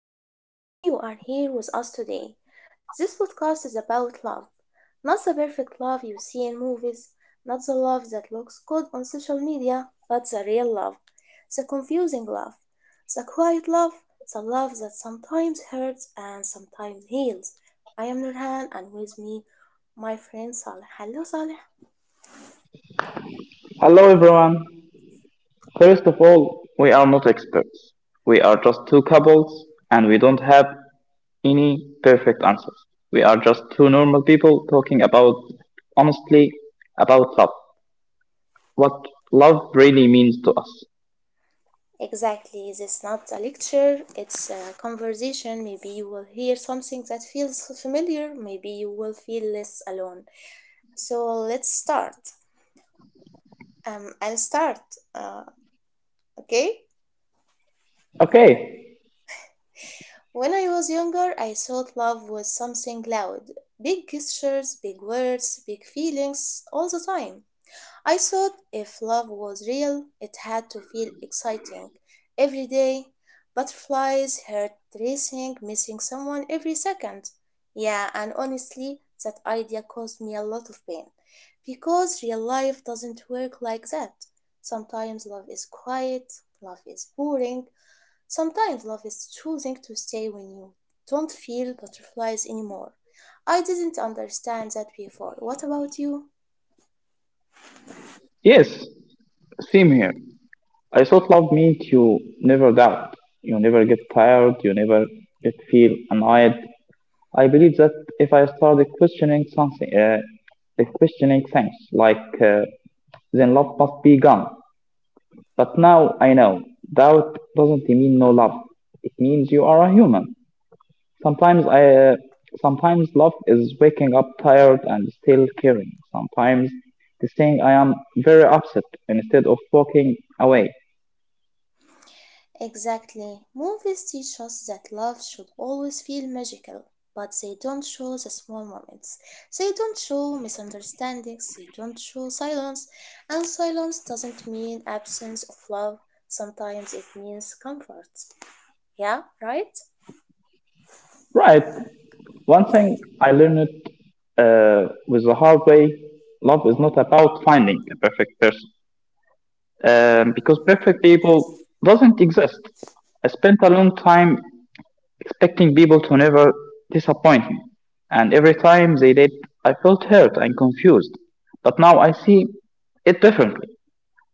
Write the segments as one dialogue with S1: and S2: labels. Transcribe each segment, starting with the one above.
S1: We are really happy you are here with us today. This podcast is about love. Not the perfect love you see in movies, not the love that looks good on social media, but the real love, the confusing love, the quiet love, the love that sometimes hurts and sometimes heals. I am Nurhan, and with me, my friend Saleh. Hello, Saleh.
S2: Hello everyone. First of all, we are not experts. We are just two couples and we don't have any perfect answers. We are just two normal people talking about honestly about love. What love really means to us.
S1: Exactly, this is not a lecture, it's a conversation. Maybe you will hear something that feels familiar, maybe you will feel less alone. So let's start. I'll start, uh, okay?
S2: Okay.
S1: When I was younger, I thought love was something loud, big gestures, big words, big feelings all the time. I thought if love was real, it had to feel exciting every day. Butterflies, heart racing, missing someone every second. Yeah, and honestly, that idea caused me a lot of pain because real life doesn't work like that. Sometimes love is quiet, love is boring, sometimes love is choosing to stay when you don't feel butterflies anymore. I didn't understand that before. What about you?
S2: Yes. Same here. I thought love meant you never doubt. You never get tired, you never get feel annoyed. I believe that if I started questioning things like then love must be gone. But now I know. Doubt doesn't mean no love. It means you are a human. Sometimes I, uh, sometimes love is waking up tired and still caring. Sometimes it's saying I am very upset instead of walking away.
S1: Exactly. Movies teach us that love should always feel magical, but they don't show the small moments. They don't show misunderstandings. They don't show silence. And silence doesn't mean absence of love. Sometimes it means comfort. Yeah, right?
S2: Right. One thing I learned with the hard way, love is not about finding a perfect person because perfect people doesn't exist. I spent a long time expecting people to never disappoint me. And every time they did, I felt hurt and confused. But now I see it differently.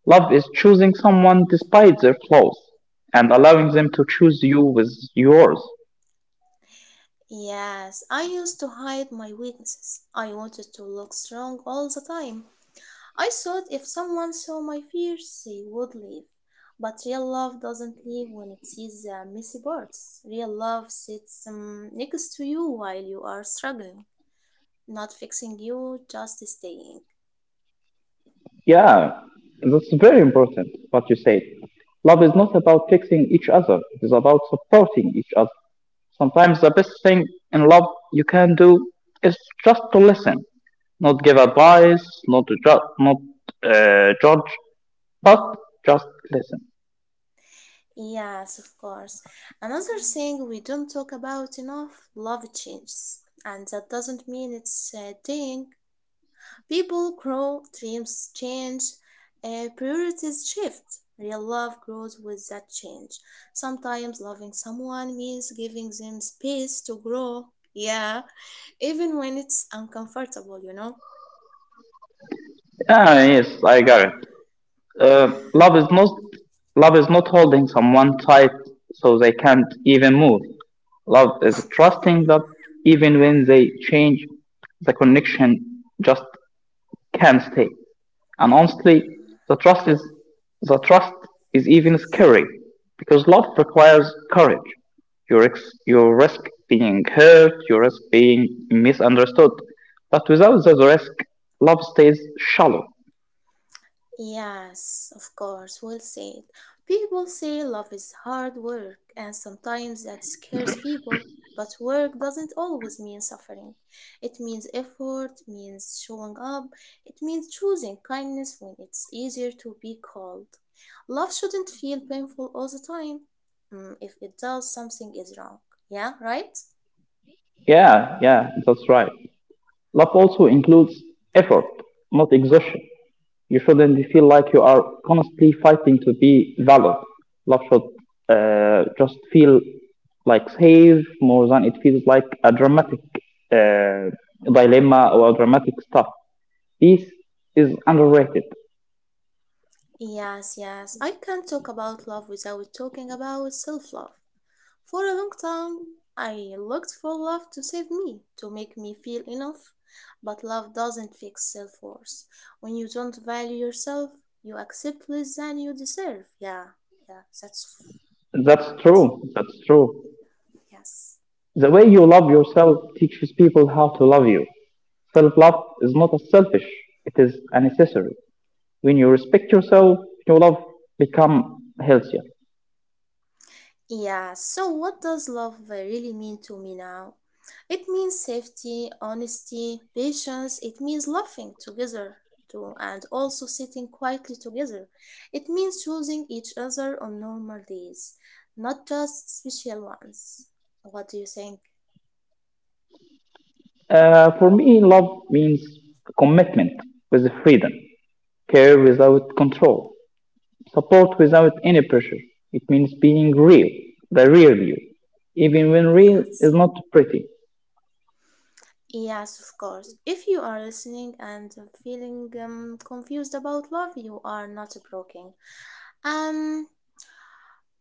S2: Love is choosing someone despite their flaws and allowing them to choose you with yours.
S1: Yes, I used to hide my weaknesses. I wanted to look strong all the time. I thought if someone saw my fears, they would leave. But real love doesn't leave when it sees the messy parts. Real love sits next to you while you are struggling, not fixing you, just staying.
S2: Yeah, that's very important what you said. Love is not about fixing each other, it is about supporting each other. Sometimes the best thing in love you can do is just to listen, not give advice, not to ju- not judge, but just listen.
S1: Yes, of course. Another thing we don't talk about enough, love changes. And that doesn't mean it's dying. People grow, dreams change, priorities shift. Real love grows with that change. Sometimes loving someone means giving them space to grow. Yeah, even when it's uncomfortable,
S2: Ah, yes, I got it. Uh, love is not love is not holding someone tight so they can't even move. Love is trusting that even when they change, the connection just can stay. And
S1: Yeah.
S2: honestly, the trust is the trust is even scary because love requires courage. You risk being hurt, you risk being misunderstood. But without that risk, love stays shallow.
S1: Yes, of course, well said. People say love is hard work, and sometimes that scares people. But work doesn't always mean suffering. It means effort, means showing up, it means choosing kindness when it's easier to be cold. Love shouldn't feel painful all the time. If it does, something is wrong. Yeah, right?
S2: Yeah, yeah, that's right. Love also includes effort, not exhaustion. You shouldn't feel like you are constantly fighting to be valid. Love should just feel like safe more than it feels like a dramatic uh, dilemma or dramatic stuff. Peace is underrated.
S1: Yes, yes. I can't talk about love without talking about self love. For a long time, I looked for love to save me, to make me feel enough. But love doesn't fix self worth. When you don't value yourself, you accept less than you deserve. Yeah, yeah, that's very
S2: That's
S1: right.
S2: true. That's true.
S1: Yes.
S2: The way you love yourself teaches people how to love you. Self love is not a selfish, it is a necessary. When you respect yourself, your love become healthier.
S1: Yeah, so what does love really mean to me now? It means safety, honesty, patience. It means laughing together too and also sitting quietly together. It means choosing each other on normal days, not just special ones. What do you think?
S2: For me, love means commitment with freedom, care without control, support without any pressure. It means being real, the real you, even when real
S1: Yes.
S2: is not pretty.
S1: Yes, of course. If you are listening and feeling confused about love, you are not broken. Um,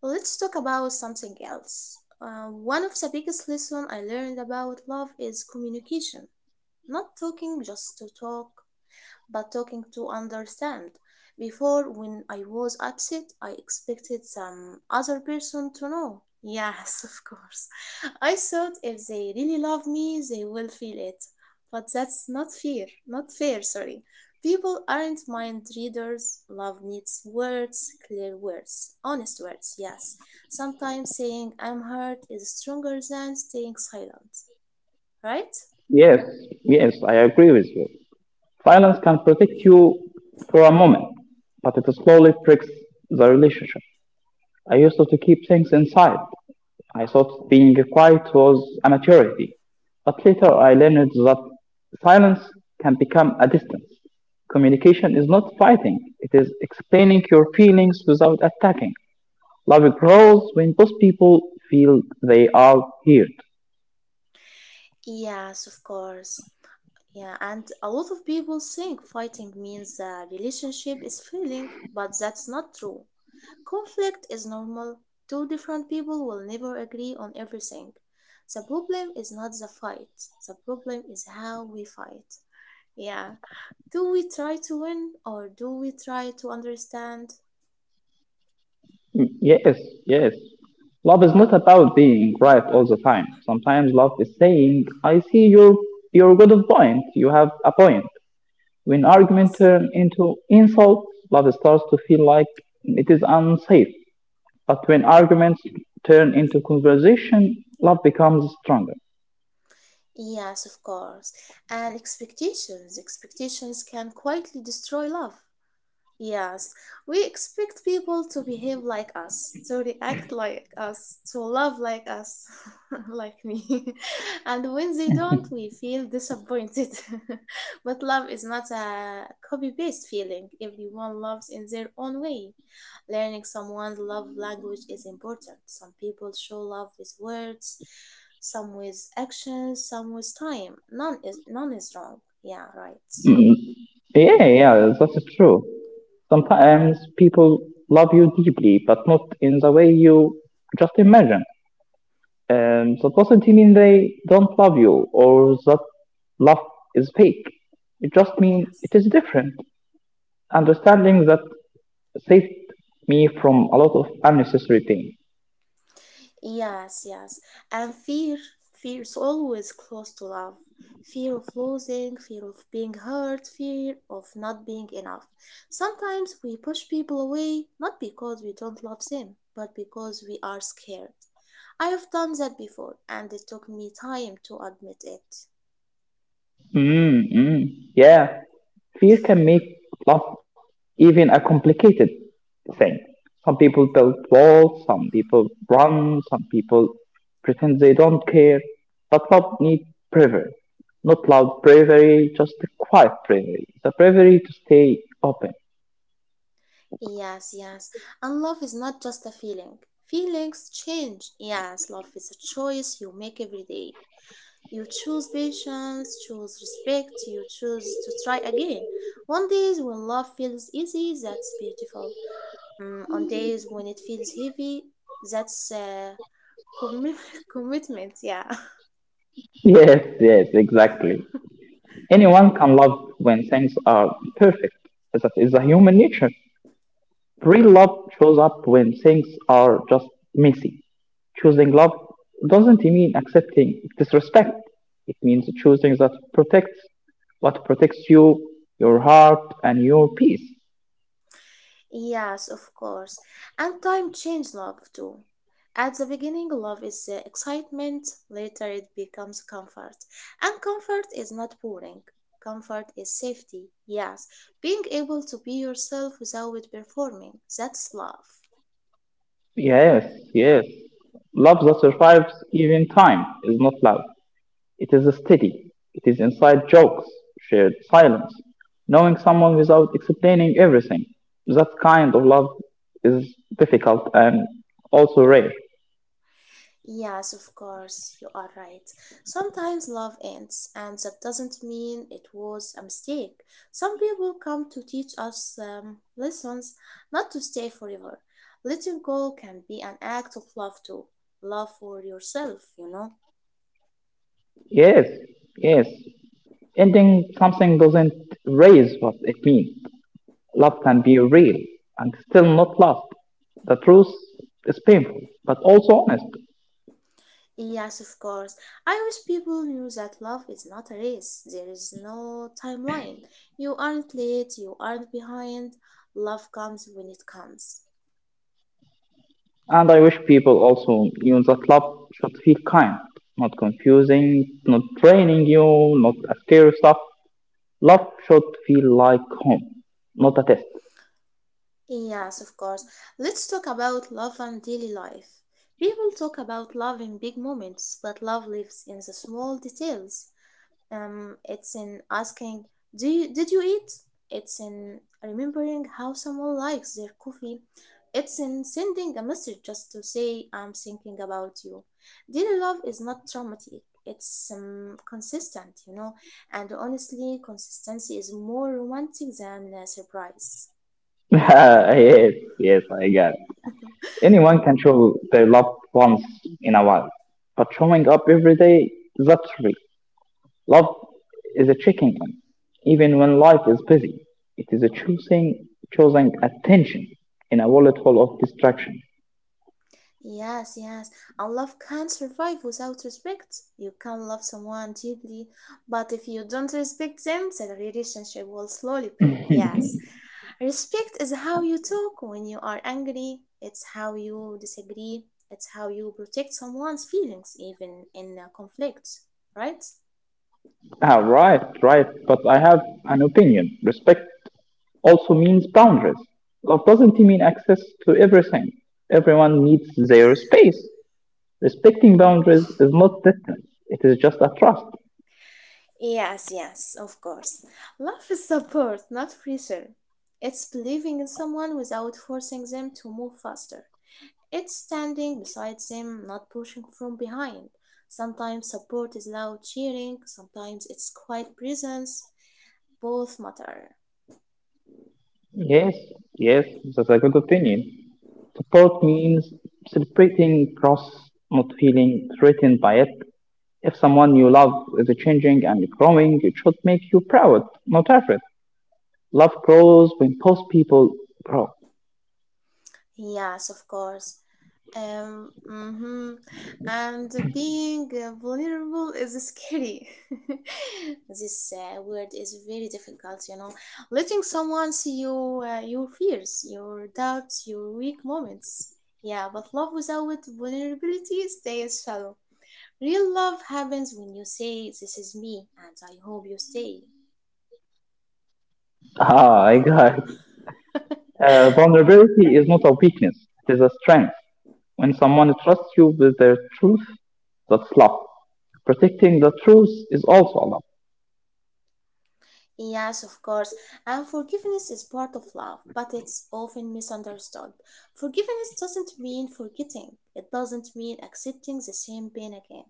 S1: let's talk about something else. One of the biggest lessons I learned about love is communication. Not talking just to talk, but talking to understand. Before, when I was upset, I expected some other person to know. Yes, of course. I thought if they really love me, they will feel it. But that's not fair, not fair, sorry. People aren't mind readers. Love needs words, clear words, honest words, yes. Sometimes saying I'm hurt is stronger than staying silent, right?
S2: Yes, yes, I agree with you. Silence can protect you for a moment, but it slowly breaks the relationship. I used to keep things inside. I thought being quiet was a maturity, but later I learned that silence can become a distance. Communication is not fighting, it is explaining your feelings without attacking. Love grows when both people feel they are heard.
S1: Yes, of course. Yeah, and a lot of people think fighting means the relationship is failing, but that's not true. Conflict is normal. Two different people will never agree on everything. The problem is not the fight, the problem is how we fight. Yeah. Do we try to win or do we try to understand?
S2: Mm, yes, yes. Love is not about being right all the time. Sometimes love is saying, I see your good point, you have a point. When argument
S1: Yes.
S2: turn into insult, love starts to feel like it is unsafe. But when arguments turn into conversation, love becomes stronger.
S1: Yes, of course. And expectations. Expectations can quietly destroy love. Yes, we expect people to behave like us, to react like us, to love like us, like me. And when they don't, we feel disappointed. But love is not a copy paste feeling. Everyone loves in their own way. Learning someone's love language is important. Some people show love with words, some with actions, some with time. None is wrong. Yeah, right.
S2: Mm, yeah, yeah, that's true. Sometimes people love you deeply, but not in the way you just imagine. That doesn't mean they don't love you or that love is fake. It just means
S1: Yes.
S2: it is different. Understanding that saved me from a lot of unnecessary pain.
S1: Yes, yes. And fear, fear is always close to love. Fear of losing, fear of being hurt, fear of not being enough. Sometimes we push people away not because we don't love them, but because we are scared. I have done that before and it took me time to admit it.
S2: Mm, mm. Yeah, fear can make love even a complicated thing. Some people build walls, some people run, some people pretend they don't care. But love needs bravery. Not loud bravery, just a quiet bravery. The bravery to stay open.
S1: Yes, yes. And love is not just a feeling. Feelings change. Yes, love is a choice you make every day. You choose patience, choose respect, you choose to try again. On days when love feels easy, that's beautiful. On days when it feels heavy, that's commi- commitment, yeah.
S2: Yes, yes, exactly. Anyone can love when things are perfect. That is a human nature. Real love shows up when things are just messy. Choosing love doesn't mean accepting disrespect. It means choosing that protects what protects you, your heart, and your peace.
S1: Yes, of course. And time changes love too. At the beginning, love is excitement, later, it becomes comfort. And comfort is not boring, comfort is safety. Yes, being able to be yourself without performing, that's love.
S2: Yes, yes. Love that survives even time is not loud. It is steady. It is inside jokes, shared silence, knowing someone without explaining everything. That kind of love is difficult and also rare.
S1: Yes, of course, you are right. Sometimes love ends, and that doesn't mean it was a mistake. Some people come to teach us lessons, not to stay forever. Letting go can be an act of love, too. Love for yourself, you know?
S2: Yes, yes. Ending something doesn't raise what it means. Love can be real and still not love. The truth is painful, but also honest.
S1: Yes, of course. I wish people knew that love is not a race. There is no timeline. You aren't late, you aren't behind. Love comes when it comes.
S2: And I wish people also knew that love should feel kind, not confusing, not draining you, not a scary stuff. Love should feel like home, not a test.
S1: Yes, of course. Let's talk about love and daily life. People talk about love in big moments, but love lives in the small details. It's in asking, "Do you, did you eat?" It's in remembering how someone likes their coffee. It's in sending a message just to say, "I'm thinking about you." Daily love is not dramatic. It's consistent, you know, and honestly, consistency is more romantic than surprise.
S2: Yes, yes, I get it. Anyone can show their love once in a while, but showing up every day, that's real. Love is a checking in. Even when life is busy, it is a choosing, choosing attention in a wallet full of distraction.
S1: Yes, yes. And love can't survive without respect. You can love someone deeply, but if you don't respect them, the relationship will slowly break. Yes. Respect is how you talk when you are angry, it's how you disagree, it's how you protect someone's feelings, even in a conflict, right?
S2: Ah, right, right. But I have an opinion. Respect also means boundaries. Love doesn't mean access to everything. Everyone needs their space. Respecting boundaries is not distance. It is just a trust.
S1: Yes, yes, of course. Love is support, not pressure. It's believing in someone without forcing them to move faster. It's standing beside him, not pushing from behind. Sometimes support is loud cheering, sometimes it's quiet presence. Both matter.
S2: Yes, yes, that's a good opinion. Support means celebrating cross, not feeling threatened by it. If someone you love is changing and growing, it should make you proud, not afraid. Love grows when both people grow.
S1: Yes, of course. Um, hmm And being vulnerable is scary. This word is very difficult, you know. Letting someone see you, your fears, your doubts, your weak moments. Yeah, but love without vulnerability stays shallow. Real love happens when you say, this is me, and I hope you stay.
S2: Ah, I got it. Vulnerability is not a weakness, it is a strength. When someone trusts you with their truth, that's love. Protecting the truth is also a love.
S1: Yes, of course, and forgiveness is part of love, but it's often misunderstood. Forgiveness doesn't mean forgetting, it doesn't mean accepting the same pain again.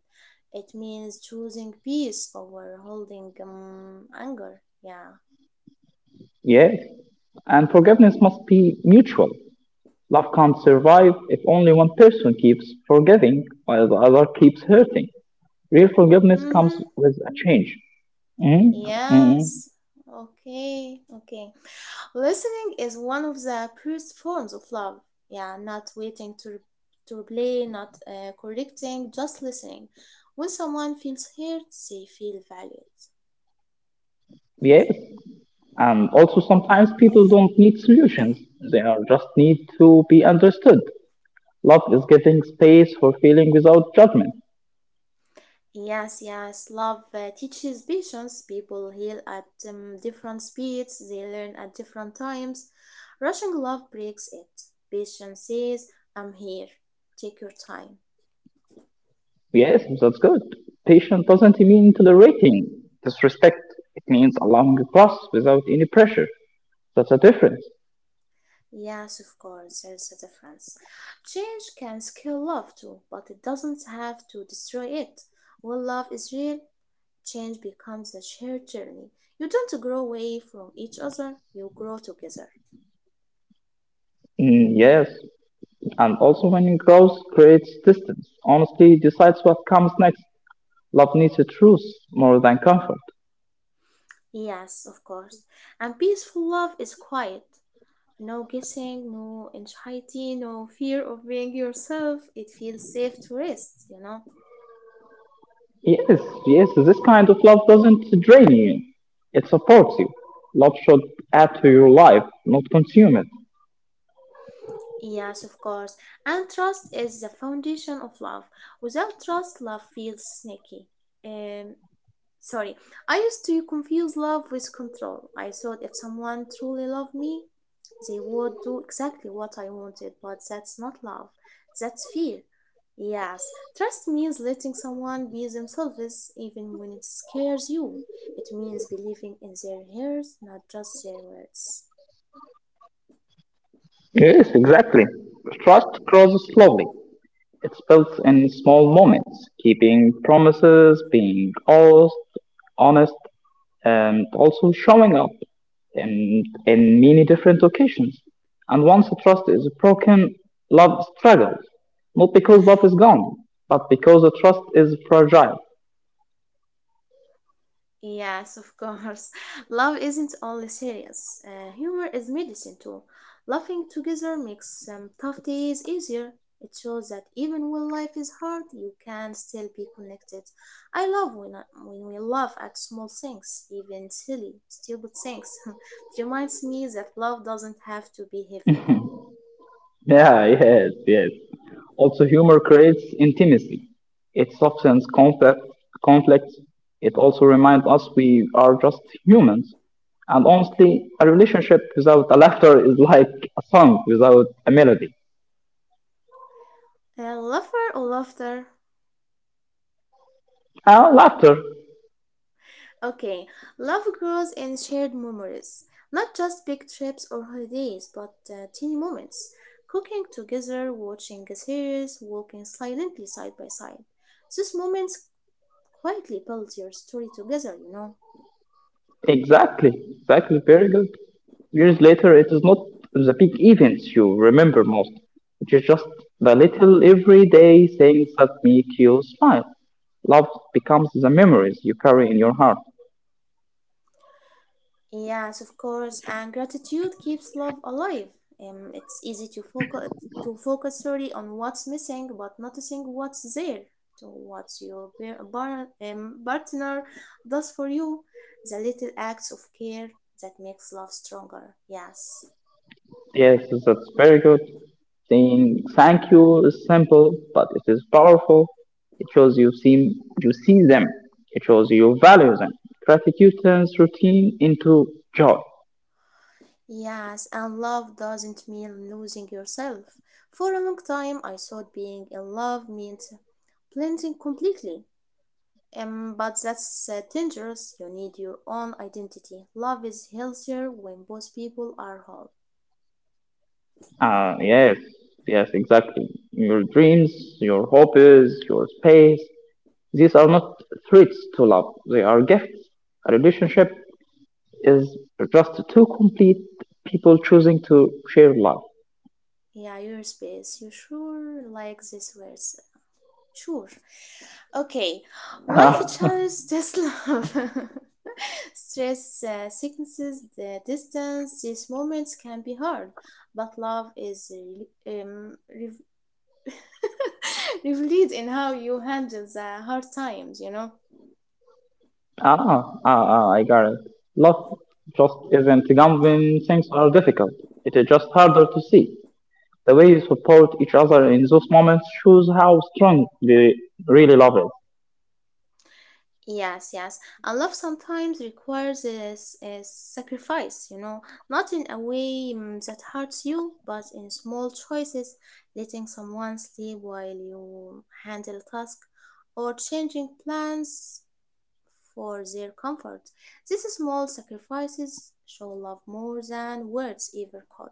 S1: It means choosing peace over holding anger. Yeah.
S2: Yes, and forgiveness must be mutual. Love can't survive if only one person keeps forgiving while the other keeps hurting. Real forgiveness
S1: Mm
S2: comes
S1: hmm.
S2: with a change. Mm. Mm.
S1: Yes. Okay. Okay. Listening is one of the purest forms of love. Yeah, not waiting to reply, not correcting, just listening. When someone feels heard, they feel valued.
S2: Yes. And also, sometimes people don't need solutions, they are just need to be understood. Love is giving space for feeling without judgment.
S1: Yes, yes, love teaches patience. People heal at different speeds, they learn at different times. Rushing love breaks it. Patience says, I'm here, take your time.
S2: Yes, that's good. Patience doesn't mean tolerating disrespect, it means allowing trust without any pressure. That's a difference.
S1: Yes, of course, there's a difference. Change can scale love too, but it doesn't have to destroy it. When love is real, change becomes a shared journey. You don't grow away from each other, you grow together.
S2: Mm, yes, and also when growth creates distance, honestly decides what comes next. Love needs a truth more than comfort.
S1: Yes, of course. And peaceful love is quiet. No guessing, no anxiety, no fear of being yourself. It feels safe to rest, you know?
S2: Yes, yes, this kind of love doesn't drain you. It supports you. Love should add to your life, not consume it.
S1: Yes, of course. And trust is the foundation of love. Without trust, love feels sneaky. Um, Sorry, I used to confuse love with control. I thought if someone truly loved me, they would do exactly what I wanted, but that's not love, that's fear. Yes, trust means letting someone be themselves even when it scares you. It means believing in their ears, not just their words.
S2: Yes, exactly. Trust grows slowly. It's built in small moments, keeping promises, being honest, and also showing up in many different occasions. And once the trust is broken, love struggles, not because love is gone, but because the trust is fragile.
S1: Yes, of course. Love isn't only serious. Humor is medicine too. Laughing together makes tough days easier. It shows that even when life is hard, you can still be connected. I love when, I, When we laugh at small things, even silly, stupid things, it reminds me that love doesn't have to be heavy.
S2: Yeah, yes, yes. Also, humor creates intimacy. It softens conflicts. It also reminds us we are just humans. And honestly, a relationship without a laughter is like a song without a melody.
S1: Laughter or laughter.
S2: Ah, laughter.
S1: Okay, love grows in shared memories, not just big trips or holidays, but teeny moments. Cooking together, watching a series, walking silently side by side. These moments quietly build your story together, you know.
S2: Exactly, exactly. Very good. Years later, it is not the big events you remember most. It is just the little everyday things that make you smile. Love becomes the memories you carry in your heart.
S1: Yes, of course, and gratitude keeps love alive. It's easy to focus, sorry, on what's missing, but noticing what's there, to what your partner does for you, the little acts of care that makes love stronger. Yes,
S2: Yes, that's very good. Saying thank you is simple, but it is powerful. It shows you see them. It shows you value them. Gratitude turns routine into joy.
S1: yes, and love doesn't mean losing yourself. For a long time, I thought being in love meant blending completely. But that's dangerous. You need your own identity. Love is healthier when both people are whole.
S2: Ah, yes, yes, exactly. Your dreams, your hobbies, your space. These are not threats to love. They are gifts. A relationship is just two complete people choosing to share love.
S1: Yeah, your space. You sure like these words? Sure. Okay, life challenges this love. Stress, sicknesses, the distance, these moments can be hard, but love is revealed in how you handle the hard times.
S2: Ah, I got it. Love just isn't gone when things are difficult. It is just harder to see. The way you support each other in those moments shows how strong they really love it.
S1: Yes, yes. And love sometimes requires a sacrifice, you know, not in a way that hurts you, but in small choices, letting someone sleep while you handle tasks or changing plans for their comfort. These small sacrifices show love more than words ever could.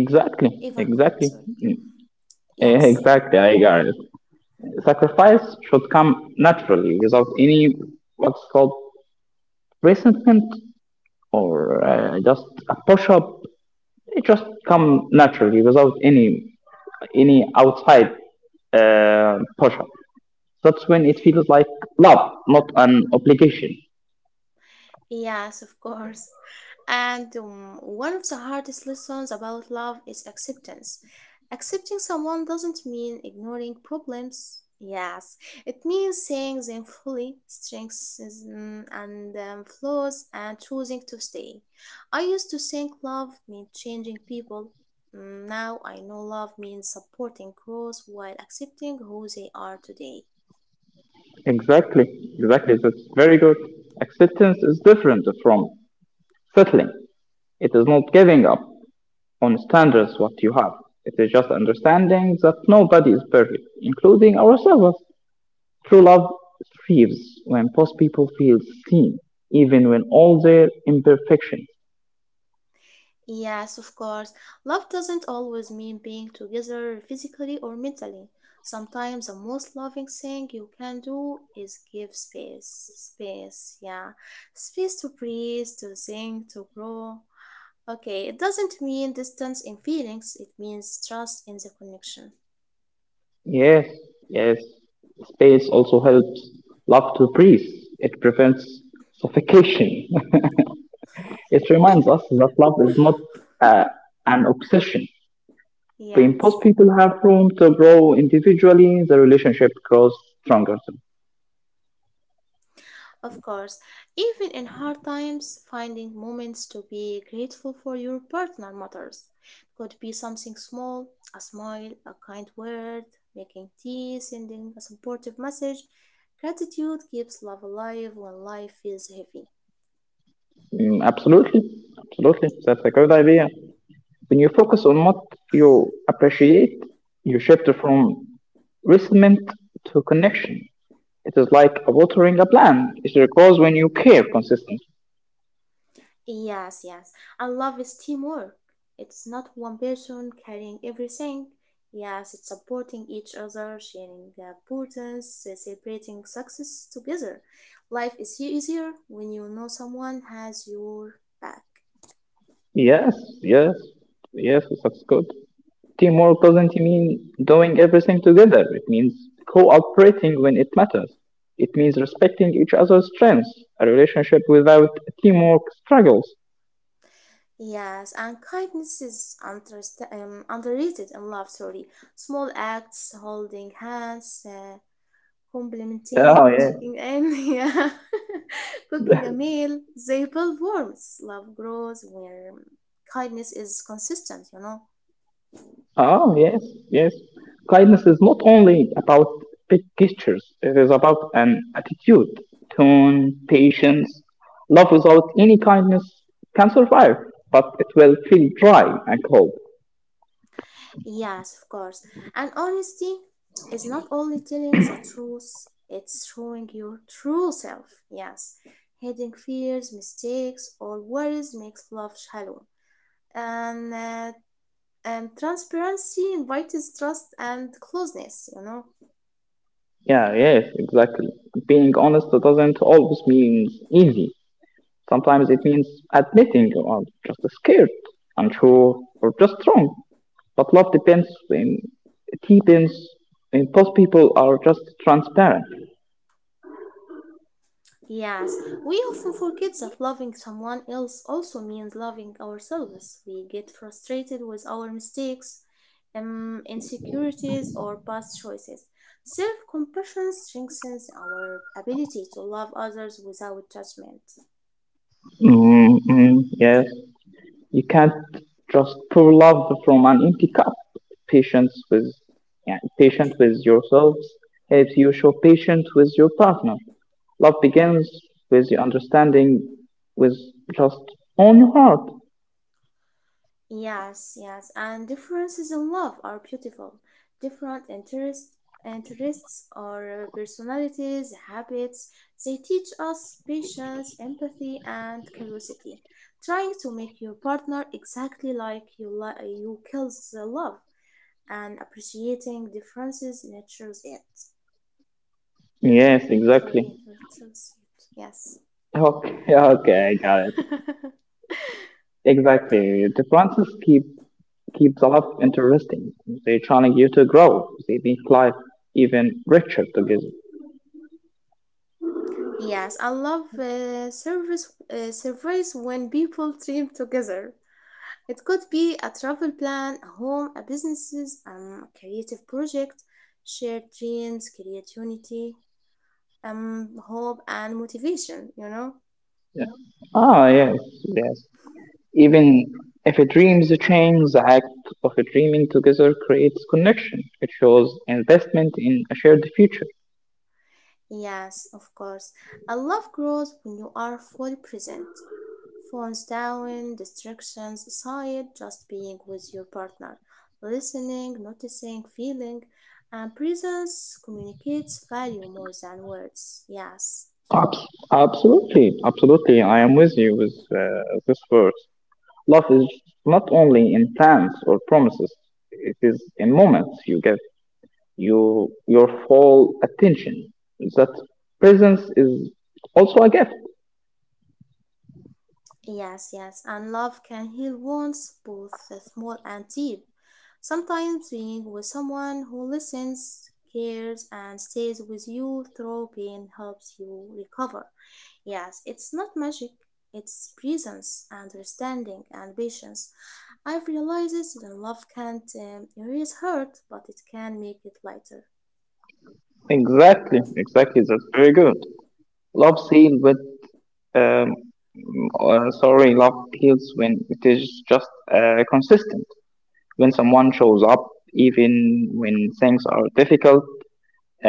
S2: Exactly,
S1: Ever could,
S2: exactly,
S1: sorry.
S2: mm,
S1: Yes.
S2: exactly, I got it. Sacrifice should come naturally without any, what's called, resentment or just a push up. It just come naturally without any outside push up. That's when it feels like love, not an obligation.
S1: Yes, of course. And one of the hardest lessons about love is acceptance. Accepting someone doesn't mean ignoring problems. Yes, it means seeing them fully, strengths and flaws, and choosing to stay. I used to think love meant changing people. Now I know love means supporting growth while accepting who they are today.
S2: Exactly, exactly. That's very good. Acceptance is different from settling. It is not giving up on standards what you have. It is just understanding that nobody is perfect, including ourselves. True love thrives when both people feel seen, even when all their imperfections.
S1: Yes, of course. Love doesn't always mean being together physically or mentally. Sometimes the most loving thing you can do is give space. Space, yeah. Space to breathe, to think, to grow. Okay, it doesn't mean distance in feelings, it means trust in the connection.
S2: Yes, yes. Space also helps love to breathe. It prevents suffocation. It reminds us that love is not uh, an obsession. The
S1: Yes.
S2: imposed people have room to grow individually, the relationship grows stronger.
S1: Of course, even in hard times, finding moments to be grateful for your partner matters. It could be something small, a smile, a kind word, making tea, sending a supportive message. Gratitude keeps love alive when life feels heavy.
S2: Mm, absolutely, absolutely. That's a good idea. When you focus on what you appreciate, you shift from resentment to connection. It is like watering a plant. It grows when you care consistently.
S1: Yes, yes. And love is teamwork. It's not one person carrying everything. Yes, it's supporting each other, sharing burdens, celebrating success together. Life is easier when you know someone has your back.
S2: Yes, yes, yes, that's good. Teamwork doesn't mean doing everything together. It means cooperating when it matters. It means respecting each other's strengths. A relationship without teamwork struggles.
S1: Yes, and kindness is underrated in love. Sorry, small acts, holding hands, complementing
S2: Oh, yeah.
S1: cooking and yeah, cooking a meal. They build warmth. Love grows where kindness is consistent, you know?
S2: Oh, yes, yes. Kindness is not only about big gestures, it is about an attitude, tone, patience. Love without any kindness can survive, but it will feel dry and cold.
S1: Yes, of course. And honesty is not only telling the truth, it's showing your true self. Yes. Hiding fears, mistakes, or worries makes love shallow. And, uh, and transparency invites trust and closeness, you know?
S2: Yeah, yes, exactly. Being honest doesn't always mean easy. Sometimes it means admitting you are just scared, unsure, or just wrong. But love depends in deepens in both people are just transparent.
S1: Yes, we often forget that loving someone else also means loving ourselves. We get frustrated with our mistakes, insecurities, or past choices. Self compassion strengthens our ability to love others without judgment.
S2: Mm. Mm. Yes. You can't just pour love from an empty cup. Patience with, yeah, patient with yourselves helps you show patience with your partner. Love begins with the understanding with just on your heart.
S1: Yes, yes, and differences in love are beautiful. Different interests or personalities, habits, they teach us patience, empathy, and curiosity. Trying to make your partner exactly like you kills the love, and appreciating differences nurtures it.
S2: Yes, exactly.
S1: Sorry, nurtures it. Yes.
S2: Okay, okay, I got it. Exactly. Differences keep the love interesting. They challenge you to grow. They make life even richer together.
S1: Yes, I love service surveys when people dream together. It could be a travel plan, a home, a businesses, a creative project, shared dreams, create unity, hope and motivation, you know?
S2: Yeah. Ah, yes, yes. Even if a dream is a change, the act of dreaming together creates connection. It shows investment in a shared future.
S1: Yes, of course. I love grows when you are fully present. Phones down, distractions aside, just being with your partner, listening, noticing, feeling, and presence communicates value more than words. Yes.
S2: Abs- Absolutely, absolutely. I am with you with this verse. Love is not only in plans or promises. It is in moments you get your full attention. That presence is also a gift.
S1: Yes, yes, and love can heal wounds, both small and deep. Sometimes being with someone who listens, cares, and stays with you through pain helps you recover. Yes, it's not magic, it's presence, understanding, and patience. I've realized that love can't erase hurt, but it can make it lighter.
S2: Exactly, exactly. That's very good. Love seen with Um, sorry, love heals when it is just consistent. When someone shows up, even when things are difficult,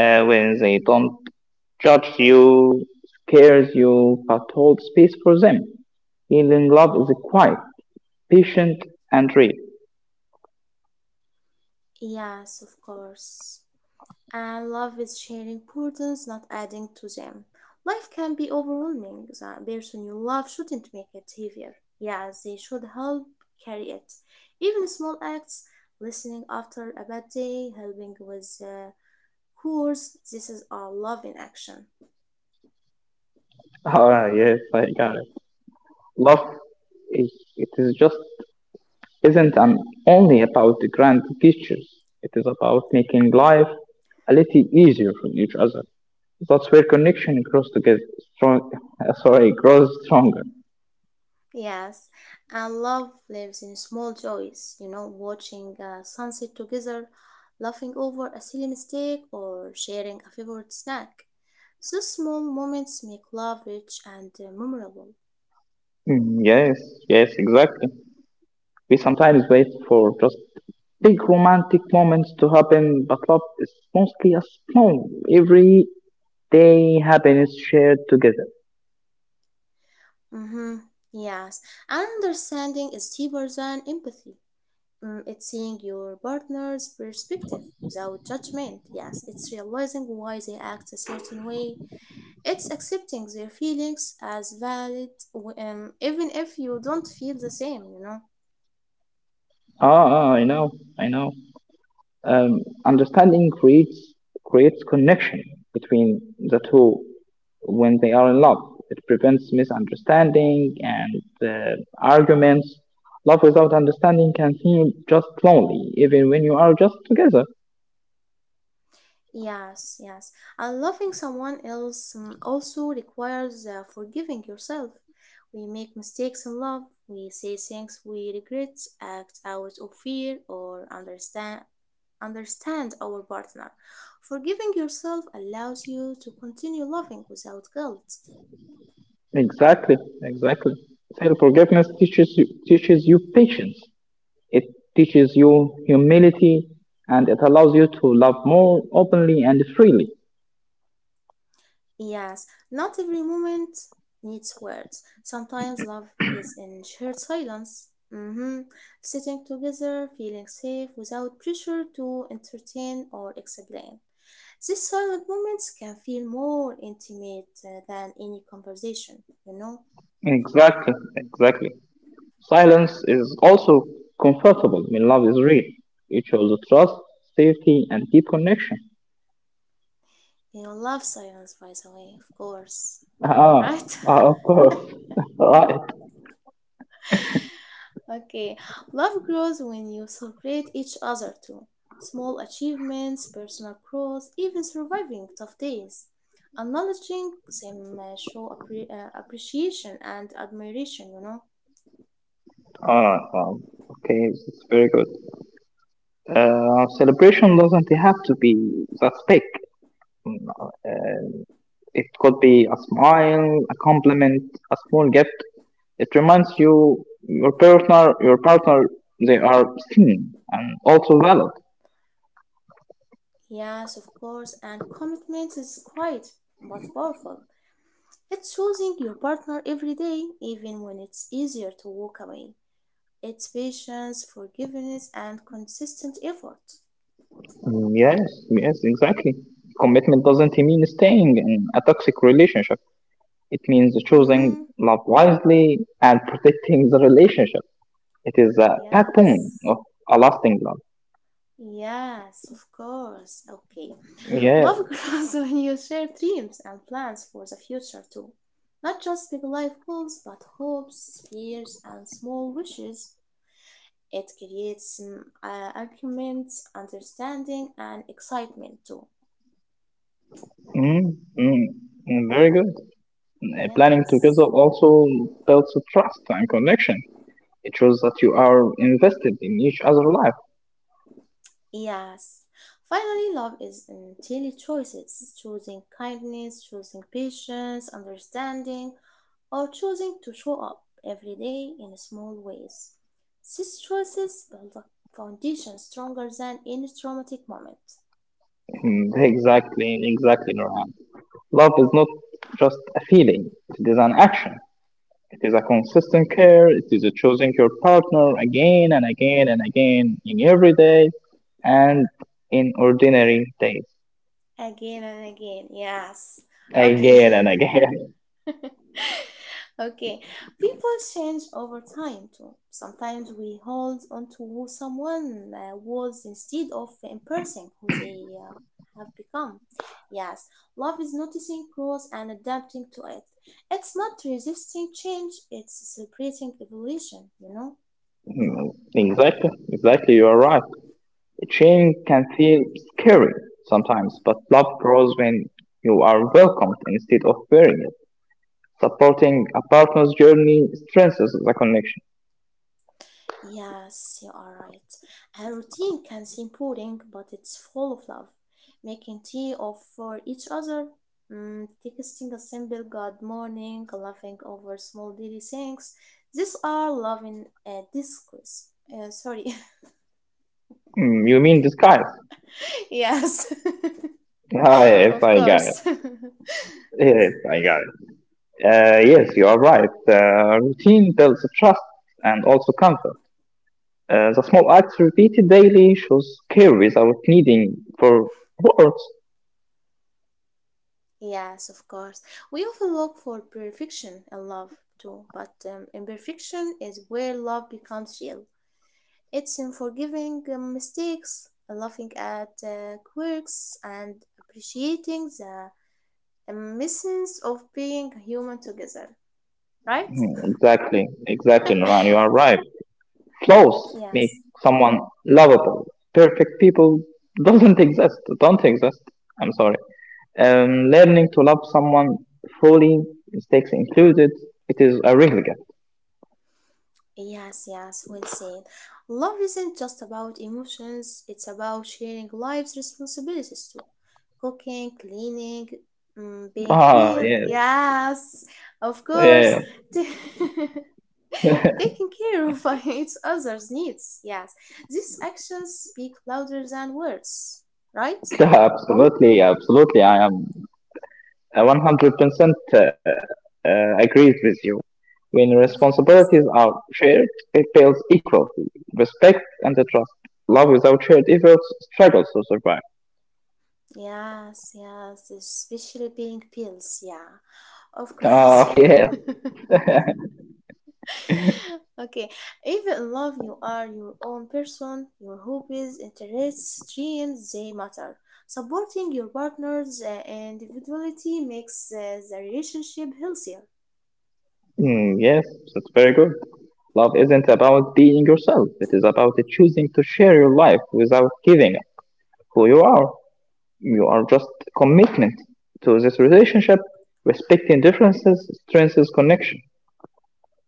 S2: when they don't judge you, scares you, but hold space for them. Healing love is quiet, patient, and real.
S1: Yes, of course. And love is sharing burdens, not adding to them. Life can be overwhelming. The person you love shouldn't make it heavier. Yes, they should help carry it. Even small acts, listening after a bad day, helping with a course, this is all love in action.
S2: Yes, I got it. Love is it is just isn't an only about the grand gestures. It is about making life a little easier for each other. That's where connection grows to get strong. Sorry, grows stronger.
S1: Yes, and love lives in small joys, you know, watching a sunset together, laughing over a silly mistake, or sharing a favorite snack. So small moments make love rich and memorable.
S2: Mm, yes, yes, exactly. We sometimes wait for just big romantic moments to happen, but love is mostly a small, everyday happiness shared together.
S1: Hmm Yes, and understanding is deeper than empathy. It's seeing your partner's perspective without judgment. Yes, it's realizing why they act a certain way. It's accepting their feelings as valid, even if you don't feel the same, you know.
S2: I know, I know. Understanding creates connection between the two when they are in love. It prevents misunderstanding and arguments. Love without understanding can seem just lonely, even when you are just together.
S1: Yes, yes. And loving someone else also requires forgiving yourself. We make mistakes in love, we say things we regret, act out of fear, or understand our partner. Forgiving yourself allows you to continue loving without guilt.
S2: Exactly, exactly. Self forgiveness teaches you patience. It teaches you humility, and it allows you to love more openly and freely.
S1: Yes, not every moment needs words. Sometimes love is in shared silence. Hmm Sitting together, feeling safe without pressure to entertain or explain. These silent moments can feel more intimate than any conversation, you know?
S2: Exactly, exactly. Silence is also comfortable when love is real. It shows trust, safety, and deep connection.
S1: You love silence, by the way, of course,
S2: Ah,
S1: right?
S2: of course. Right.
S1: Okay, love grows when you celebrate each other too. Small achievements, personal growth, even surviving tough days. Acknowledging them show appreciation and admiration, you know?
S2: Ah, um, okay, it's very good. Celebration doesn't have to be that big. Mm, Uh, it could be a smile, a compliment, a small gift. It reminds you your partner, they are seen and also valid.
S1: Yes, of course, and commitment is quiet but powerful. It's choosing your partner every day, even when it's easier to walk away. It's patience, forgiveness, and consistent effort.
S2: Mm, yes, yes, exactly. Commitment doesn't mean staying in a toxic relationship. It means choosing
S1: Mm-hmm.
S2: love wisely and protecting the relationship. It is a backbone
S1: Yes.
S2: of a lasting love.
S1: Yes, of course. Okay.
S2: Yes.
S1: Love grows when you share dreams and plans for the future too. Not just big life goals, but hopes, fears, and small wishes. It creates arguments, understanding, and excitement too.
S2: Mm, mm, Very good. Planning together
S1: Yes.
S2: also builds trust and connection. It shows that you are invested in each other's life.
S1: Yes. Finally, love is in daily choices choosing kindness, choosing patience, understanding, or choosing to show up every day in small ways. These choices build a foundation stronger than any traumatic moment.
S2: Mm, exactly, exactly, Nurhan. Love is not just a feeling, it is an action. It is a consistent care. It is a choosing your partner again and again and again in every day and in ordinary days.
S1: Again and again, yes. Okay,
S2: Again and again.
S1: okay. People change over time too. Sometimes we hold on to who someone was instead of embracing who they have become. Yes, love is noticing growth and adapting to it. It's not resisting change, it's celebrating evolution, you know?
S2: Exactly. Exactly. You are right. Change can feel scary sometimes, but love grows when you are welcomed instead of fearing it. Supporting a partner's journey strengthens the connection.
S1: Yes, you are right. A routine can seem boring, but it's full of love. Making tea of for each other, texting a simple good morning, laughing over small daily things. These are love in a discourse. Sorry.
S2: You mean disguise?
S1: yes,
S2: Yes,
S1: of
S2: I got it.
S1: course.
S2: Yes, I got it. Yes, you are right. Routine builds trust and also comfort. The small acts repeated daily shows care without needing for words.
S1: yes, of course. We often look for perfection in love too, but imperfection is where love becomes real. It's in forgiving mistakes, laughing at quirks, and appreciating the essence of being human together, right?
S2: Hmm, exactly, exactly, Noran. You are right. Flaws make
S1: Yes,
S2: someone lovable. Perfect people doesn't exist. Don't exist. I'm sorry. Learning to love someone fully, mistakes included, it is a real gift.
S1: yes, yes, well said. Love isn't just about emotions, it's about sharing life's responsibilities too. Cooking, cleaning, being peer.
S2: Yes,
S1: Yes, of course.
S2: yeah.
S1: T- Taking care of each other's needs. Yes, these actions speak louder than words, right?
S2: Yeah, absolutely, absolutely. I am 100% agrees with you. When
S1: Of course.
S2: responsibilities are shared, it builds equality, respect, and the trust. Love without shared efforts struggles to survive.
S1: Yes, yes, especially being pills. Yeah, of course.
S2: Oh, yes.
S1: okay, even in love, you are your own person, your hobbies, interests, dreams, they matter. Supporting your partner's individuality makes the relationship healthier.
S2: Mm, yes, that's very good. Love isn't about being yourself, it is about choosing to share your life without giving up who you are. You are just commitment to this relationship, respecting differences strengthens connection.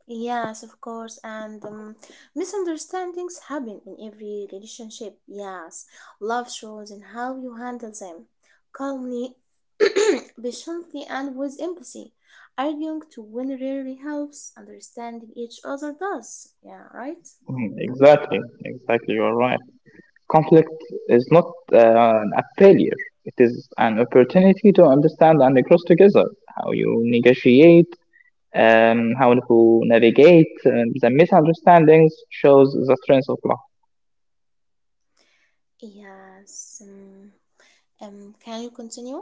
S1: Yes, of course, and misunderstandings happen in every relationship. Yes, love shows in how you handle them calmly, patiently, and with empathy. Arguing to win rarely helps, understanding each other does. Yeah, right?
S2: Mm, exactly, exactly, you are right. Conflict is not a failure, it is an opportunity to understand and grow together. How you negotiate, um, how to navigate the misunderstandings shows the strength of love.
S1: Yes. Um, can you continue?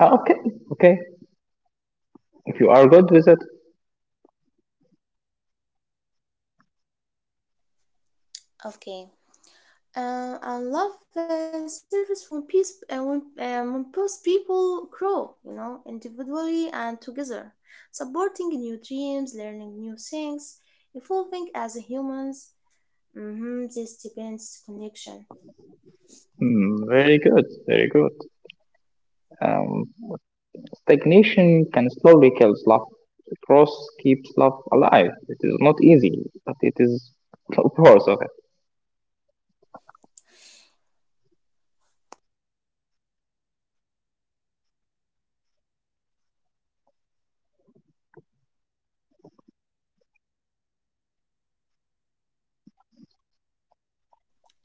S2: Okay, okay. If you are good with it,
S1: Okay. I love service when, peace, when both people grow, you know, individually and together, supporting new dreams, learning new things, evolving as humans. Mm-hmm, this depends connection.
S2: very good, very good. Um, Stagnation can slowly kill love. The cross keeps love alive. It is not easy, but it is worth of it.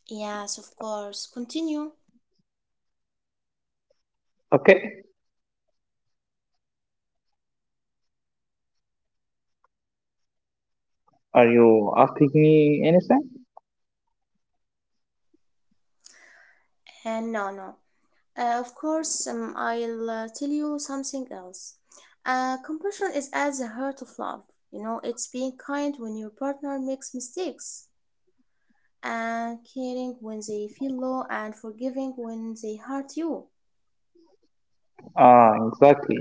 S1: Yes, of course. Continue.
S2: Okay, are you asking me anything?
S1: And no, no. Of course, I'll tell you something else. Compassion is at the heart of love. You know, it's being kind when your partner makes mistakes, and caring when they feel low and forgiving when they hurt you.
S2: Exactly.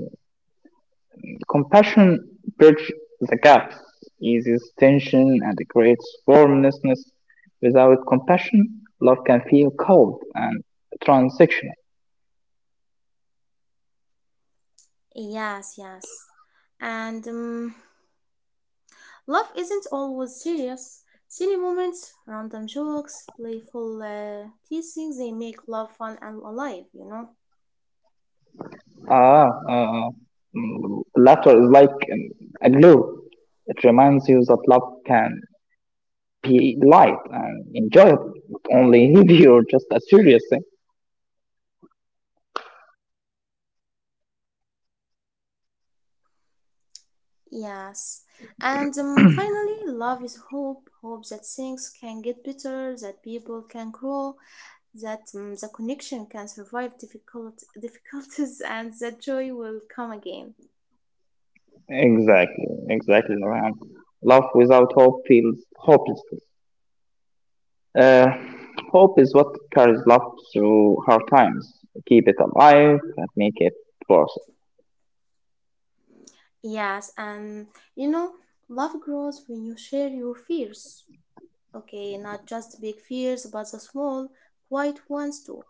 S2: Compassion bridges the gaps, eases tension, and creates warmness. Without compassion, love can feel cold and transactional.
S1: Yes, yes. And love isn't always serious. Silly moments, random jokes, playful teasing, they make love fun and alive, you know?
S2: Ah, uh, Laughter is like a glue. It reminds you that love can be light and enjoyable, not only heavy or just a serious thing.
S1: Yes. And finally, love is hope. Hope that things can get better, that people can grow, that the connection can survive difficult difficulties, and that joy will come again.
S2: Exactly, exactly, Nurhan. Love without hope feels hopeless. Uh, Hope is what carries love through hard times. Keep it alive and make it worth it.
S1: Yes, and you know, love grows when you share your fears. Okay, not just big fears, but the small, quiet ones too.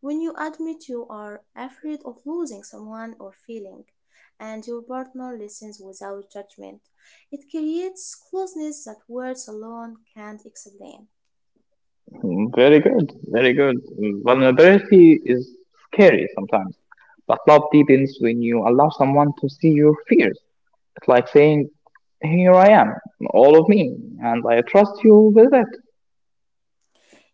S1: When you admit you are afraid of losing someone or feeling, and your partner listens without judgment, it creates closeness that words alone can't explain.
S2: Mm, very good, very good. Vulnerability is scary sometimes, but love deepens when you allow someone to see your fears. It's like saying, "Here I am, all of me, and I trust you with it."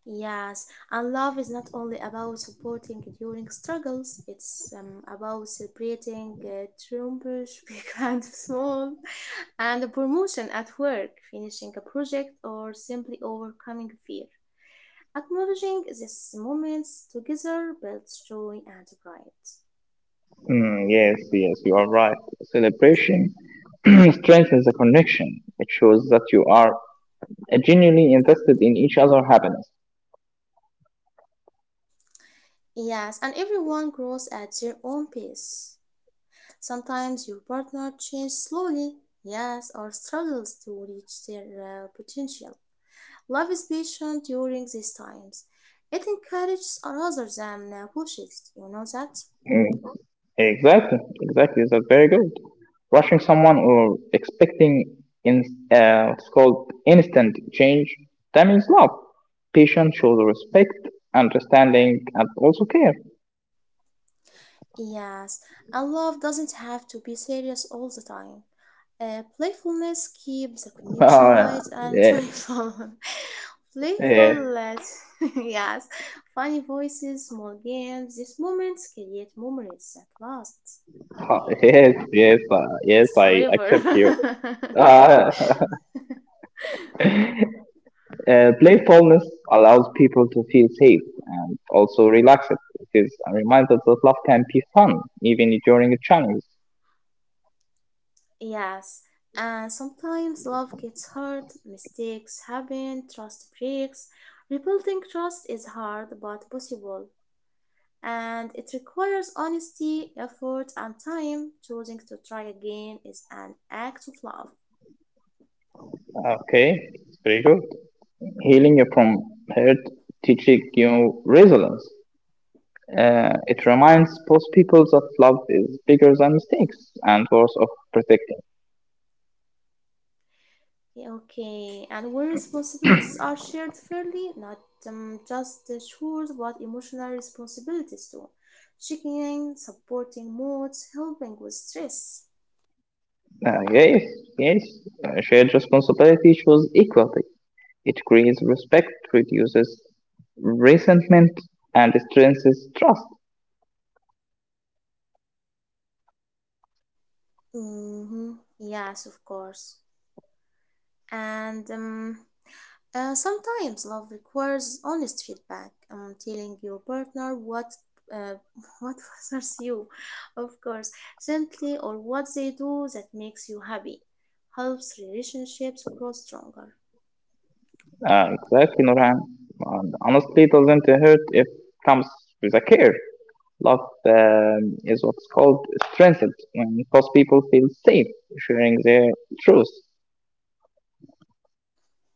S1: Yes, and love is not only about supporting during struggles, it's about celebrating triumphs, big and small, and a promotion at work, finishing a project, or simply overcoming fear. Acknowledging these moments together builds joy and pride.
S2: Mm, yes, yes, you are right. Celebration strengthens the connection. It shows that you are genuinely invested in each other's happiness.
S1: Yes, and everyone grows at their own pace. Sometimes your partner changes slowly, yes, or struggles to reach their potential. Love is patient during these times. It encourages rather than pushes. You know that?
S2: Hmm, exactly, exactly. That's very good. Rushing someone or expecting in, what's called instant change means love. Patience shows respect, understanding, and also care.
S1: Yes. And love doesn't have to be serious all the time. Playfulness keeps the connection
S2: Uh,
S1: light and
S2: yeah,
S1: joyful.
S2: yeah,
S1: Playful, yes. Funny voices, small games. These moments create memories that last. Okay,
S2: yes, yes, yes,
S1: last
S2: I
S1: forever.
S2: accept you. Uh, Playfulness allows people to feel safe and also relaxed. It is a reminder that love can be fun even during a challenge.
S1: Yes, and sometimes love gets hurt, mistakes happen, trust breaks. Rebuilding trust is hard but possible, and it requires honesty, effort, and time. Choosing to try again is an act of love.
S2: Okay, it's very good. Healing from hurt teaches you resilience. It reminds both people that love is bigger than mistakes and worth of protecting.
S1: Okay, and where responsibilities are shared fairly, not just the chores but emotional responsibilities too. Checking in, supporting moods, helping with stress.
S2: Yes, yes, shared responsibility shows equality. It creates respect, reduces resentment, and strengthens trust.
S1: Mm-hmm. Yes, of course. And sometimes love requires honest feedback. Telling your partner what uh, what bothers you, of course, gently, or what they do that makes you happy, helps relationships grow stronger.
S2: Exactly, Nurhan. And honestly, doesn't hurt if comes with a care. Love is what's called strengthened when both people feel safe sharing their truth.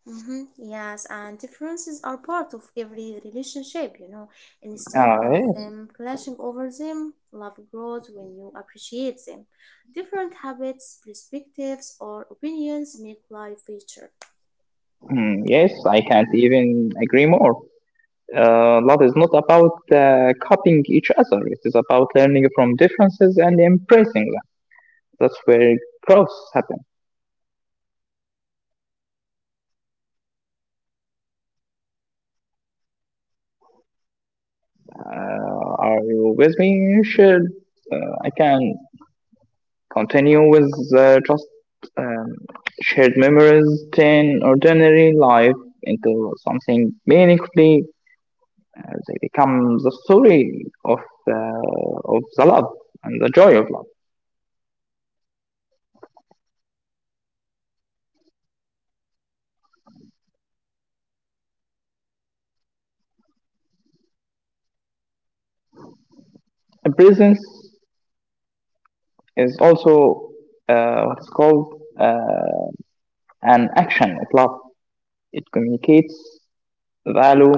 S1: Yes, and differences are part of every relationship, you know. Instead of
S2: Yes,
S1: clashing over them, love grows when you appreciate them. Different habits, perspectives, or opinions make life richer.
S2: hmm, yes, I can't even agree more. Love is not about copying each other. It is about learning from differences and embracing them. That's where growth happens. Are you with me, Shir? I can continue with just um, shared memories turn ordinary life into something meaningfully. They become the story of the love and the joy of love. And presence is also what's called an action of love. It communicates value,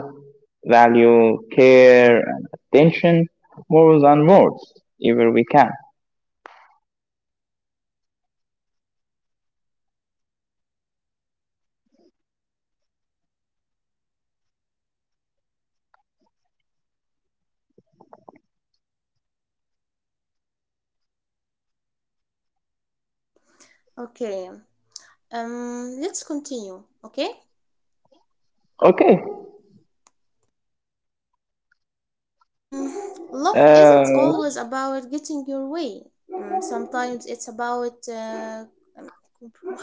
S2: value, care, and attention more than words, if we can.
S1: Okay, let's continue. Okay.
S2: Okay,
S1: Mm, love isn't
S2: uh,
S1: always about getting your way. Mm, sometimes it's about um, comprom-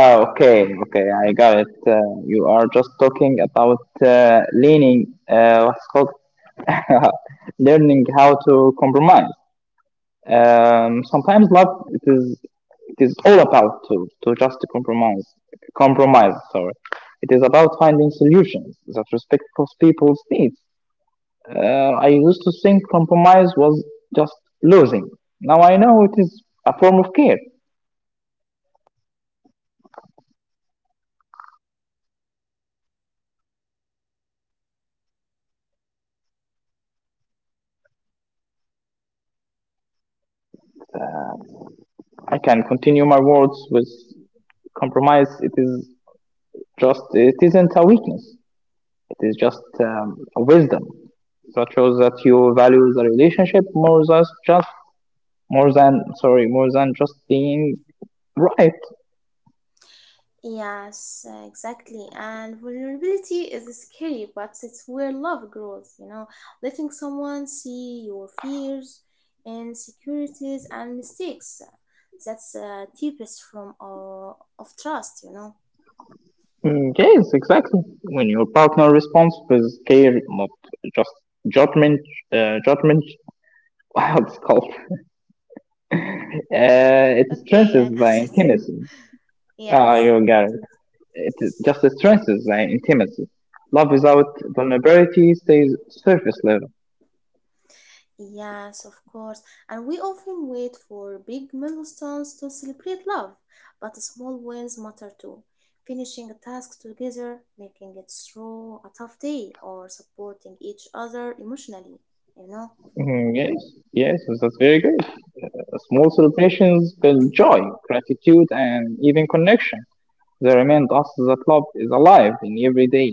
S2: Okay, okay, I got it. You are just talking about leaning, what's called learning how to compromise. Sometimes love it is all about to just to compromise, compromise. Sorry, it is about finding solutions that respect both people's needs. I used to think compromise was just losing. Now I know it is a form of care. Uh, I can continue my words with compromise. It is just It isn't a weakness, it is just a wisdom that shows that you value the relationship more than more than just being right.
S1: yes, exactly. And vulnerability is scary, but it's where love grows. You know, letting someone see your fears, insecurities, and mistakes. That's deepest from of trust. You know.
S2: Mm, yes, exactly, when your partner responds with care, not just judgment judgment. Wow, it's called, it
S1: Okay, I
S2: strengthens the
S1: got it.
S2: intimacy.
S1: Yes.
S2: You got it. It just strengthens the intimacy. Love without vulnerability stays surface level.
S1: Yes, of course. And we often wait for big milestones to celebrate love, but small wins matter too. Finishing a task together, making it through a tough day, or supporting each other emotionally, you know?
S2: Mhm, yes, yes, that's very good. Small celebrations build joy, gratitude, and even connection. They remind us that love is alive in every day.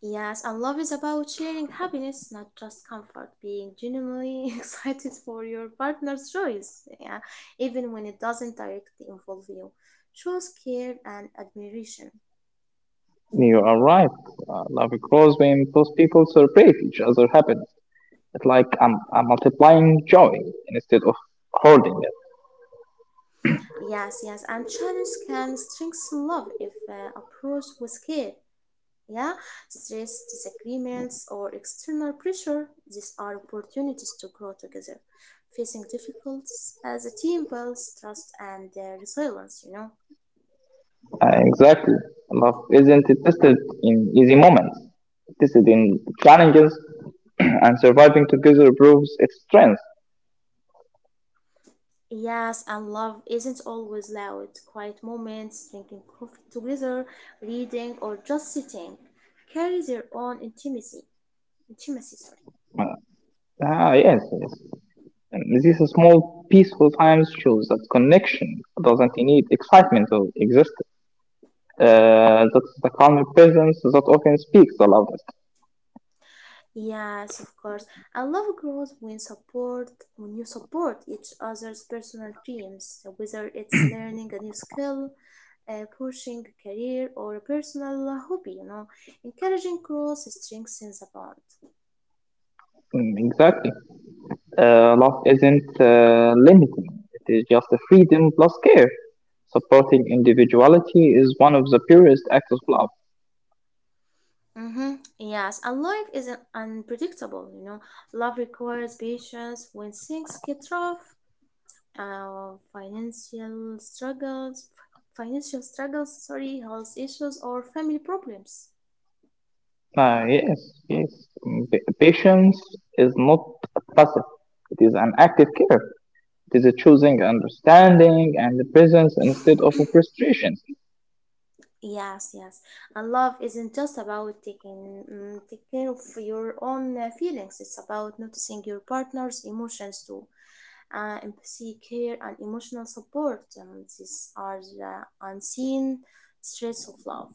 S1: Yes, and love is about sharing happiness, not just comfort, being genuinely excited for your partner's joys, yeah, even when it doesn't directly involve you. Shows care and admiration.
S2: You are right. Love grows when both people celebrate each other's happiness. It's like I'm multiplying joy instead of hoarding it.
S1: Yes, yes, and challenge can strengthen love if approached with care. Yeah, stress, disagreements, or external pressure, these are opportunities to grow together. Facing difficulties as a team builds trust and resilience, you know.
S2: Exactly. Love isn't tested in easy moments. This is in challenges, and surviving together proves its strength.
S1: Yes, and love isn't always loud. Quiet moments, drinking coffee together, reading, or just sitting carry their own intimacy. Intimacy, sorry.
S2: Uh, yes, yes. And these small, peaceful times shows that connection doesn't need excitement to exist. That's the calm presence that often speaks the loudest.
S1: Yes, of course. And love grows when support when you support each other's personal dreams, whether it's learning a new skill, pushing a career, or a personal hobby. You know, encouraging growth strengthens a bond.
S2: Mm, exactly. Love isn't limiting. It is just a freedom plus care. Supporting individuality is one of the purest acts of love.
S1: Mm-hmm. Yes, and life is unpredictable. You know, love requires patience when things get rough. Financial struggles, financial struggles, sorry, health issues, or family problems.
S2: Yes, yes. Patience is not passive. It is an active care. It is a choosing understanding and the presence instead of a frustration.
S1: Yes, yes. And love isn't just about taking mm, take care of your own feelings. It's about noticing your partner's emotions too. Empathy, care, and emotional support. These are the unseen threads of love.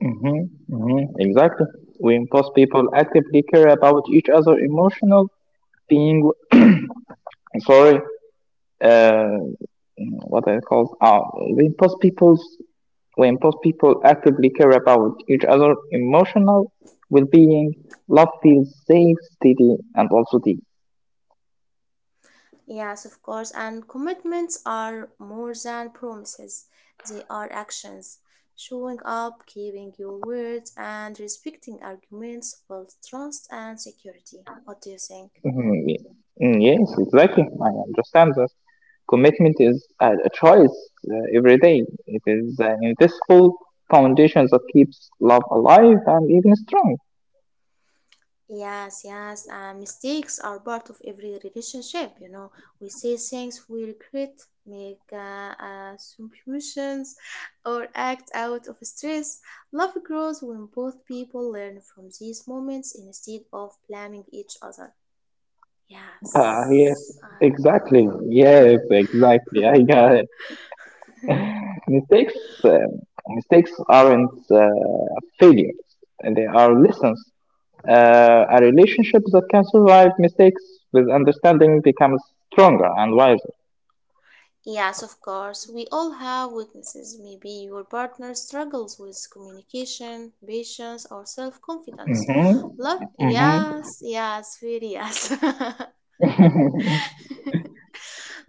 S2: Hmm, hmm, exactly. We impose people actively care about each other emotional being. Sorry, uh, what I called. We impose people's. We impose people actively care about each other emotional well-being. Love feels safe, steady, and also deep.
S1: Yes, of course. And commitments are more than promises. They are actions. Showing up, keeping your word, and respecting arguments build trust and security. What do you think?
S2: Mhm, yes, exactly. I understand that. Commitment is a choice every day. It is an invisible foundation that keeps love alive and even strong.
S1: Yes, yes, and mistakes are part of every relationship. You know, we say things we regret, make assumptions, or act out of stress. Love grows when both people learn from these moments instead of blaming each other.
S2: Yes,
S1: Yes, I.
S2: exactly. Yes, exactly. I got it. Mistakes, um Mistakes aren't failures. They are lessons. A relationship that can survive mistakes with understanding becomes stronger and wiser.
S1: Yes, of course. We all have weaknesses. Maybe your partner struggles with communication, patience, or self confidence.
S2: Mm-hmm.
S1: Love,
S2: Mm-hmm.
S1: yes, yes, very yes.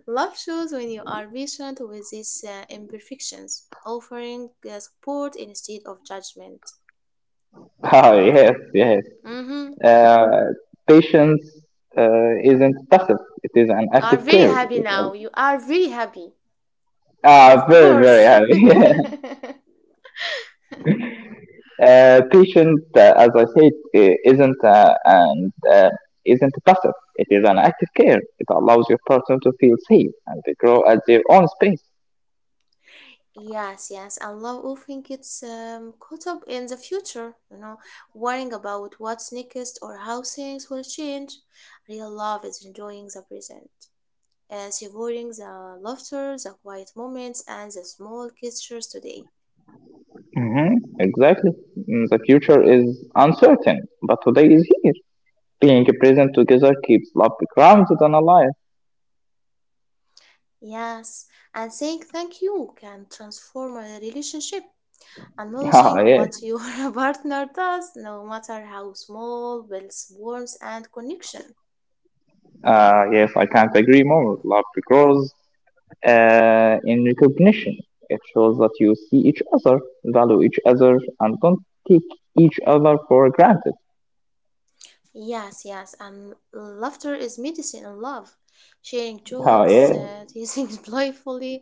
S1: Love shows when you are patient with these imperfections, offering support instead of judgment.
S2: Oh, yes, yes.
S1: Mm-hmm.
S2: Uh, Patience isn't passive; it is an
S1: You are
S2: active
S1: very
S2: care.
S1: happy now. You are very happy, of
S2: Very, very
S1: course.
S2: happy. Patient, as I said, isn't, and, uh, isn't passive. It is an active care. It allows your person to feel safe and to grow at their own space.
S1: Yes, yes. And love often gets caught up in the future, you know, worrying about what's next or how things will change. Real love is enjoying the present, savoring the laughter, the quiet moments, and the small gestures today.
S2: Hmm, exactly. The future is uncertain, but today is here. Being present together keeps love grounded and alive.
S1: Yes, and saying thank you can transform a relationship. Acknowledging
S2: Yeah.
S1: what your partner does, no matter how small, builds warmth and connection.
S2: Yes, I can't agree more. Love grows in recognition. It shows that you see each other, value each other, and don't take each other for granted.
S1: Yes, yes, and laughter is medicine and love. Sharing jokes,
S2: Yeah,
S1: teasing playfully,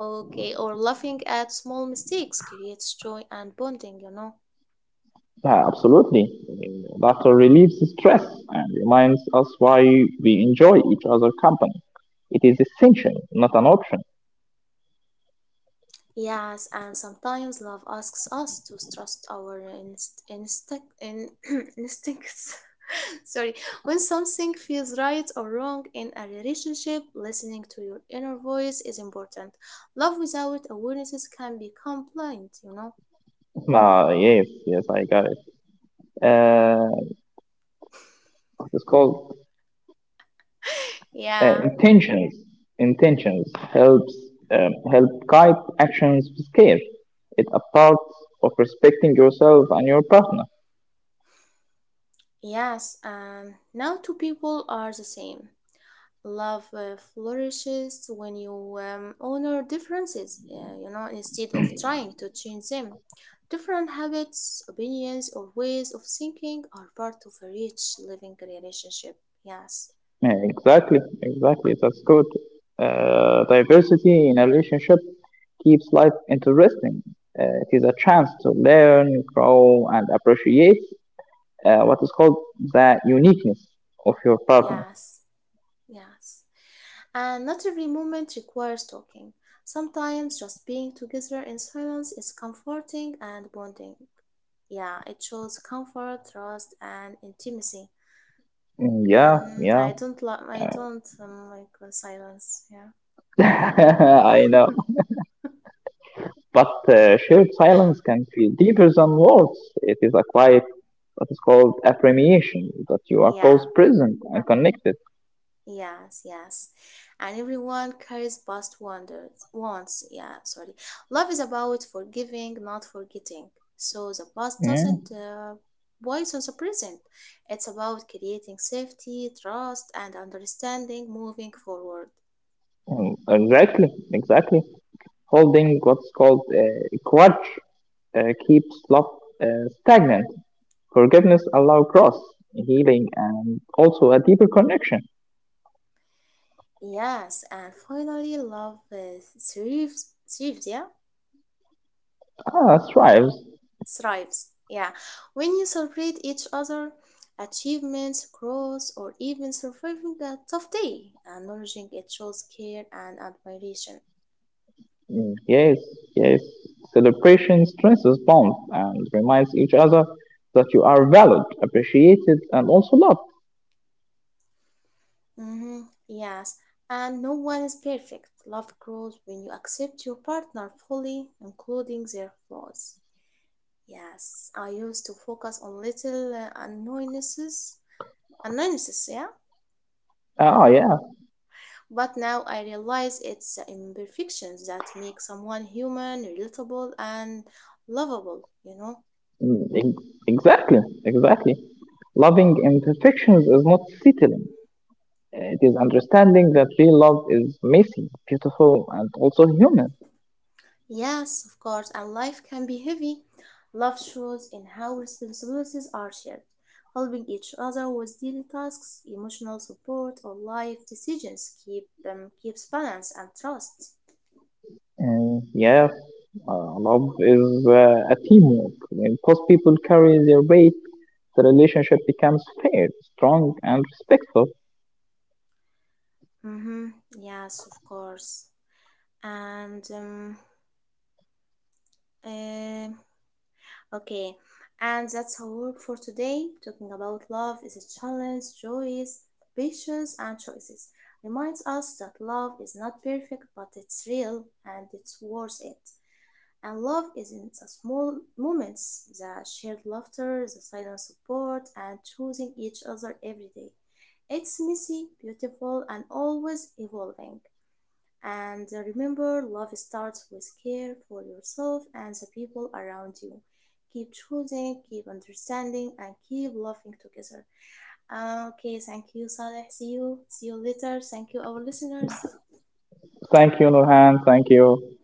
S1: okay, or laughing at small mistakes creates joy and bonding, you know.
S2: yeah, absolutely. I mean, laughter relieves stress and reminds us why we enjoy each other's company. It is essential, not an option.
S1: Yes, and sometimes love asks us to trust our instinct instincts. Sorry, when something feels right or wrong in a relationship, listening to your inner voice is important. Love without awareness can become blind, you know.
S2: Yes, yes, I got it. Uh, it's called, Uh,
S1: Yeah.
S2: intentions intentions helps, help guide actions with care. It a part of respecting yourself and your partner.
S1: Yes, and now two people are the same. Love flourishes when you honor differences, you know, instead of trying to change them. Different habits, opinions, or ways of thinking are part of a rich living relationship. Yes,
S2: Yeah, exactly, exactly. That's good. Diversity in a relationship keeps life interesting. It is a chance to learn, grow, and appreciate what is called the uniqueness of your partner.
S1: yes, yes. And not every moment requires talking. Sometimes just being together in silence is comforting and bonding. Yeah, it shows comfort, trust, and intimacy.
S2: Mm, yeah,
S1: Mm-hmm.
S2: yeah.
S1: I don't love. I don't like the silence. Yeah.
S2: I know. But shared silence can feel deeper than words. It is a quiet, what is called appreciation, that you are
S1: Yeah.
S2: both present and connected.
S1: Yes. Yes. And everyone carries past wonders. Wants. Yeah. Sorry. Love is about forgiving, not forgetting. So the past
S2: Yeah,
S1: doesn't poison the present. It's about creating safety, trust, and understanding moving forward.
S2: mm, exactly, exactly. Holding what's called grudge keeps love uh, stagnant. Forgiveness allows growth, healing, and also a deeper connection.
S1: Yes. And finally, love is thrives. Thrives. Yeah.
S2: Thrives.
S1: Thrives. Yeah, when you celebrate each other achievements, growth, or even surviving a tough day, acknowledging it shows care and admiration.
S2: Mm, yes, yes. Celebration stresses bonds and reminds each other that you are valued, appreciated, and also loved.
S1: hmm Yes, and no one is perfect. Love grows when you accept your partner fully, including their flaws. Yes, I used to focus on little annoyances, annoyances, yeah.
S2: Yeah.
S1: But now I realize it's imperfections that make someone human, relatable, and lovable, you know?
S2: Mm, exactly, exactly. Loving imperfections is not settling. It is understanding that real love is messy, beautiful, and also human.
S1: Yes, of course, and life can be heavy. Love shows in how responsibilities are shared, helping each other with daily tasks, emotional support, or life decisions keep keeps balance and trust.
S2: And yes, love is a teamwork. When both people carry their weight, the relationship becomes fair, strong, and respectful.
S1: Mm-hmm. Yes, of course. And um, eh, Okay, and that's our work for today. Talking about love is a challenge, joys, patience, and choices. Reminds us that love is not perfect, but it's real and it's worth it. And love is in the small moments, the shared laughter, the silent support, and choosing each other every day. It's messy, beautiful, and always evolving. And remember, love starts with care for yourself and the people around you. Keep choosing, keep understanding, and keep loving together. Okay, thank you, Saleh. See you. See you later. Thank you, our listeners.
S2: Thank you, Nurhan. Thank you.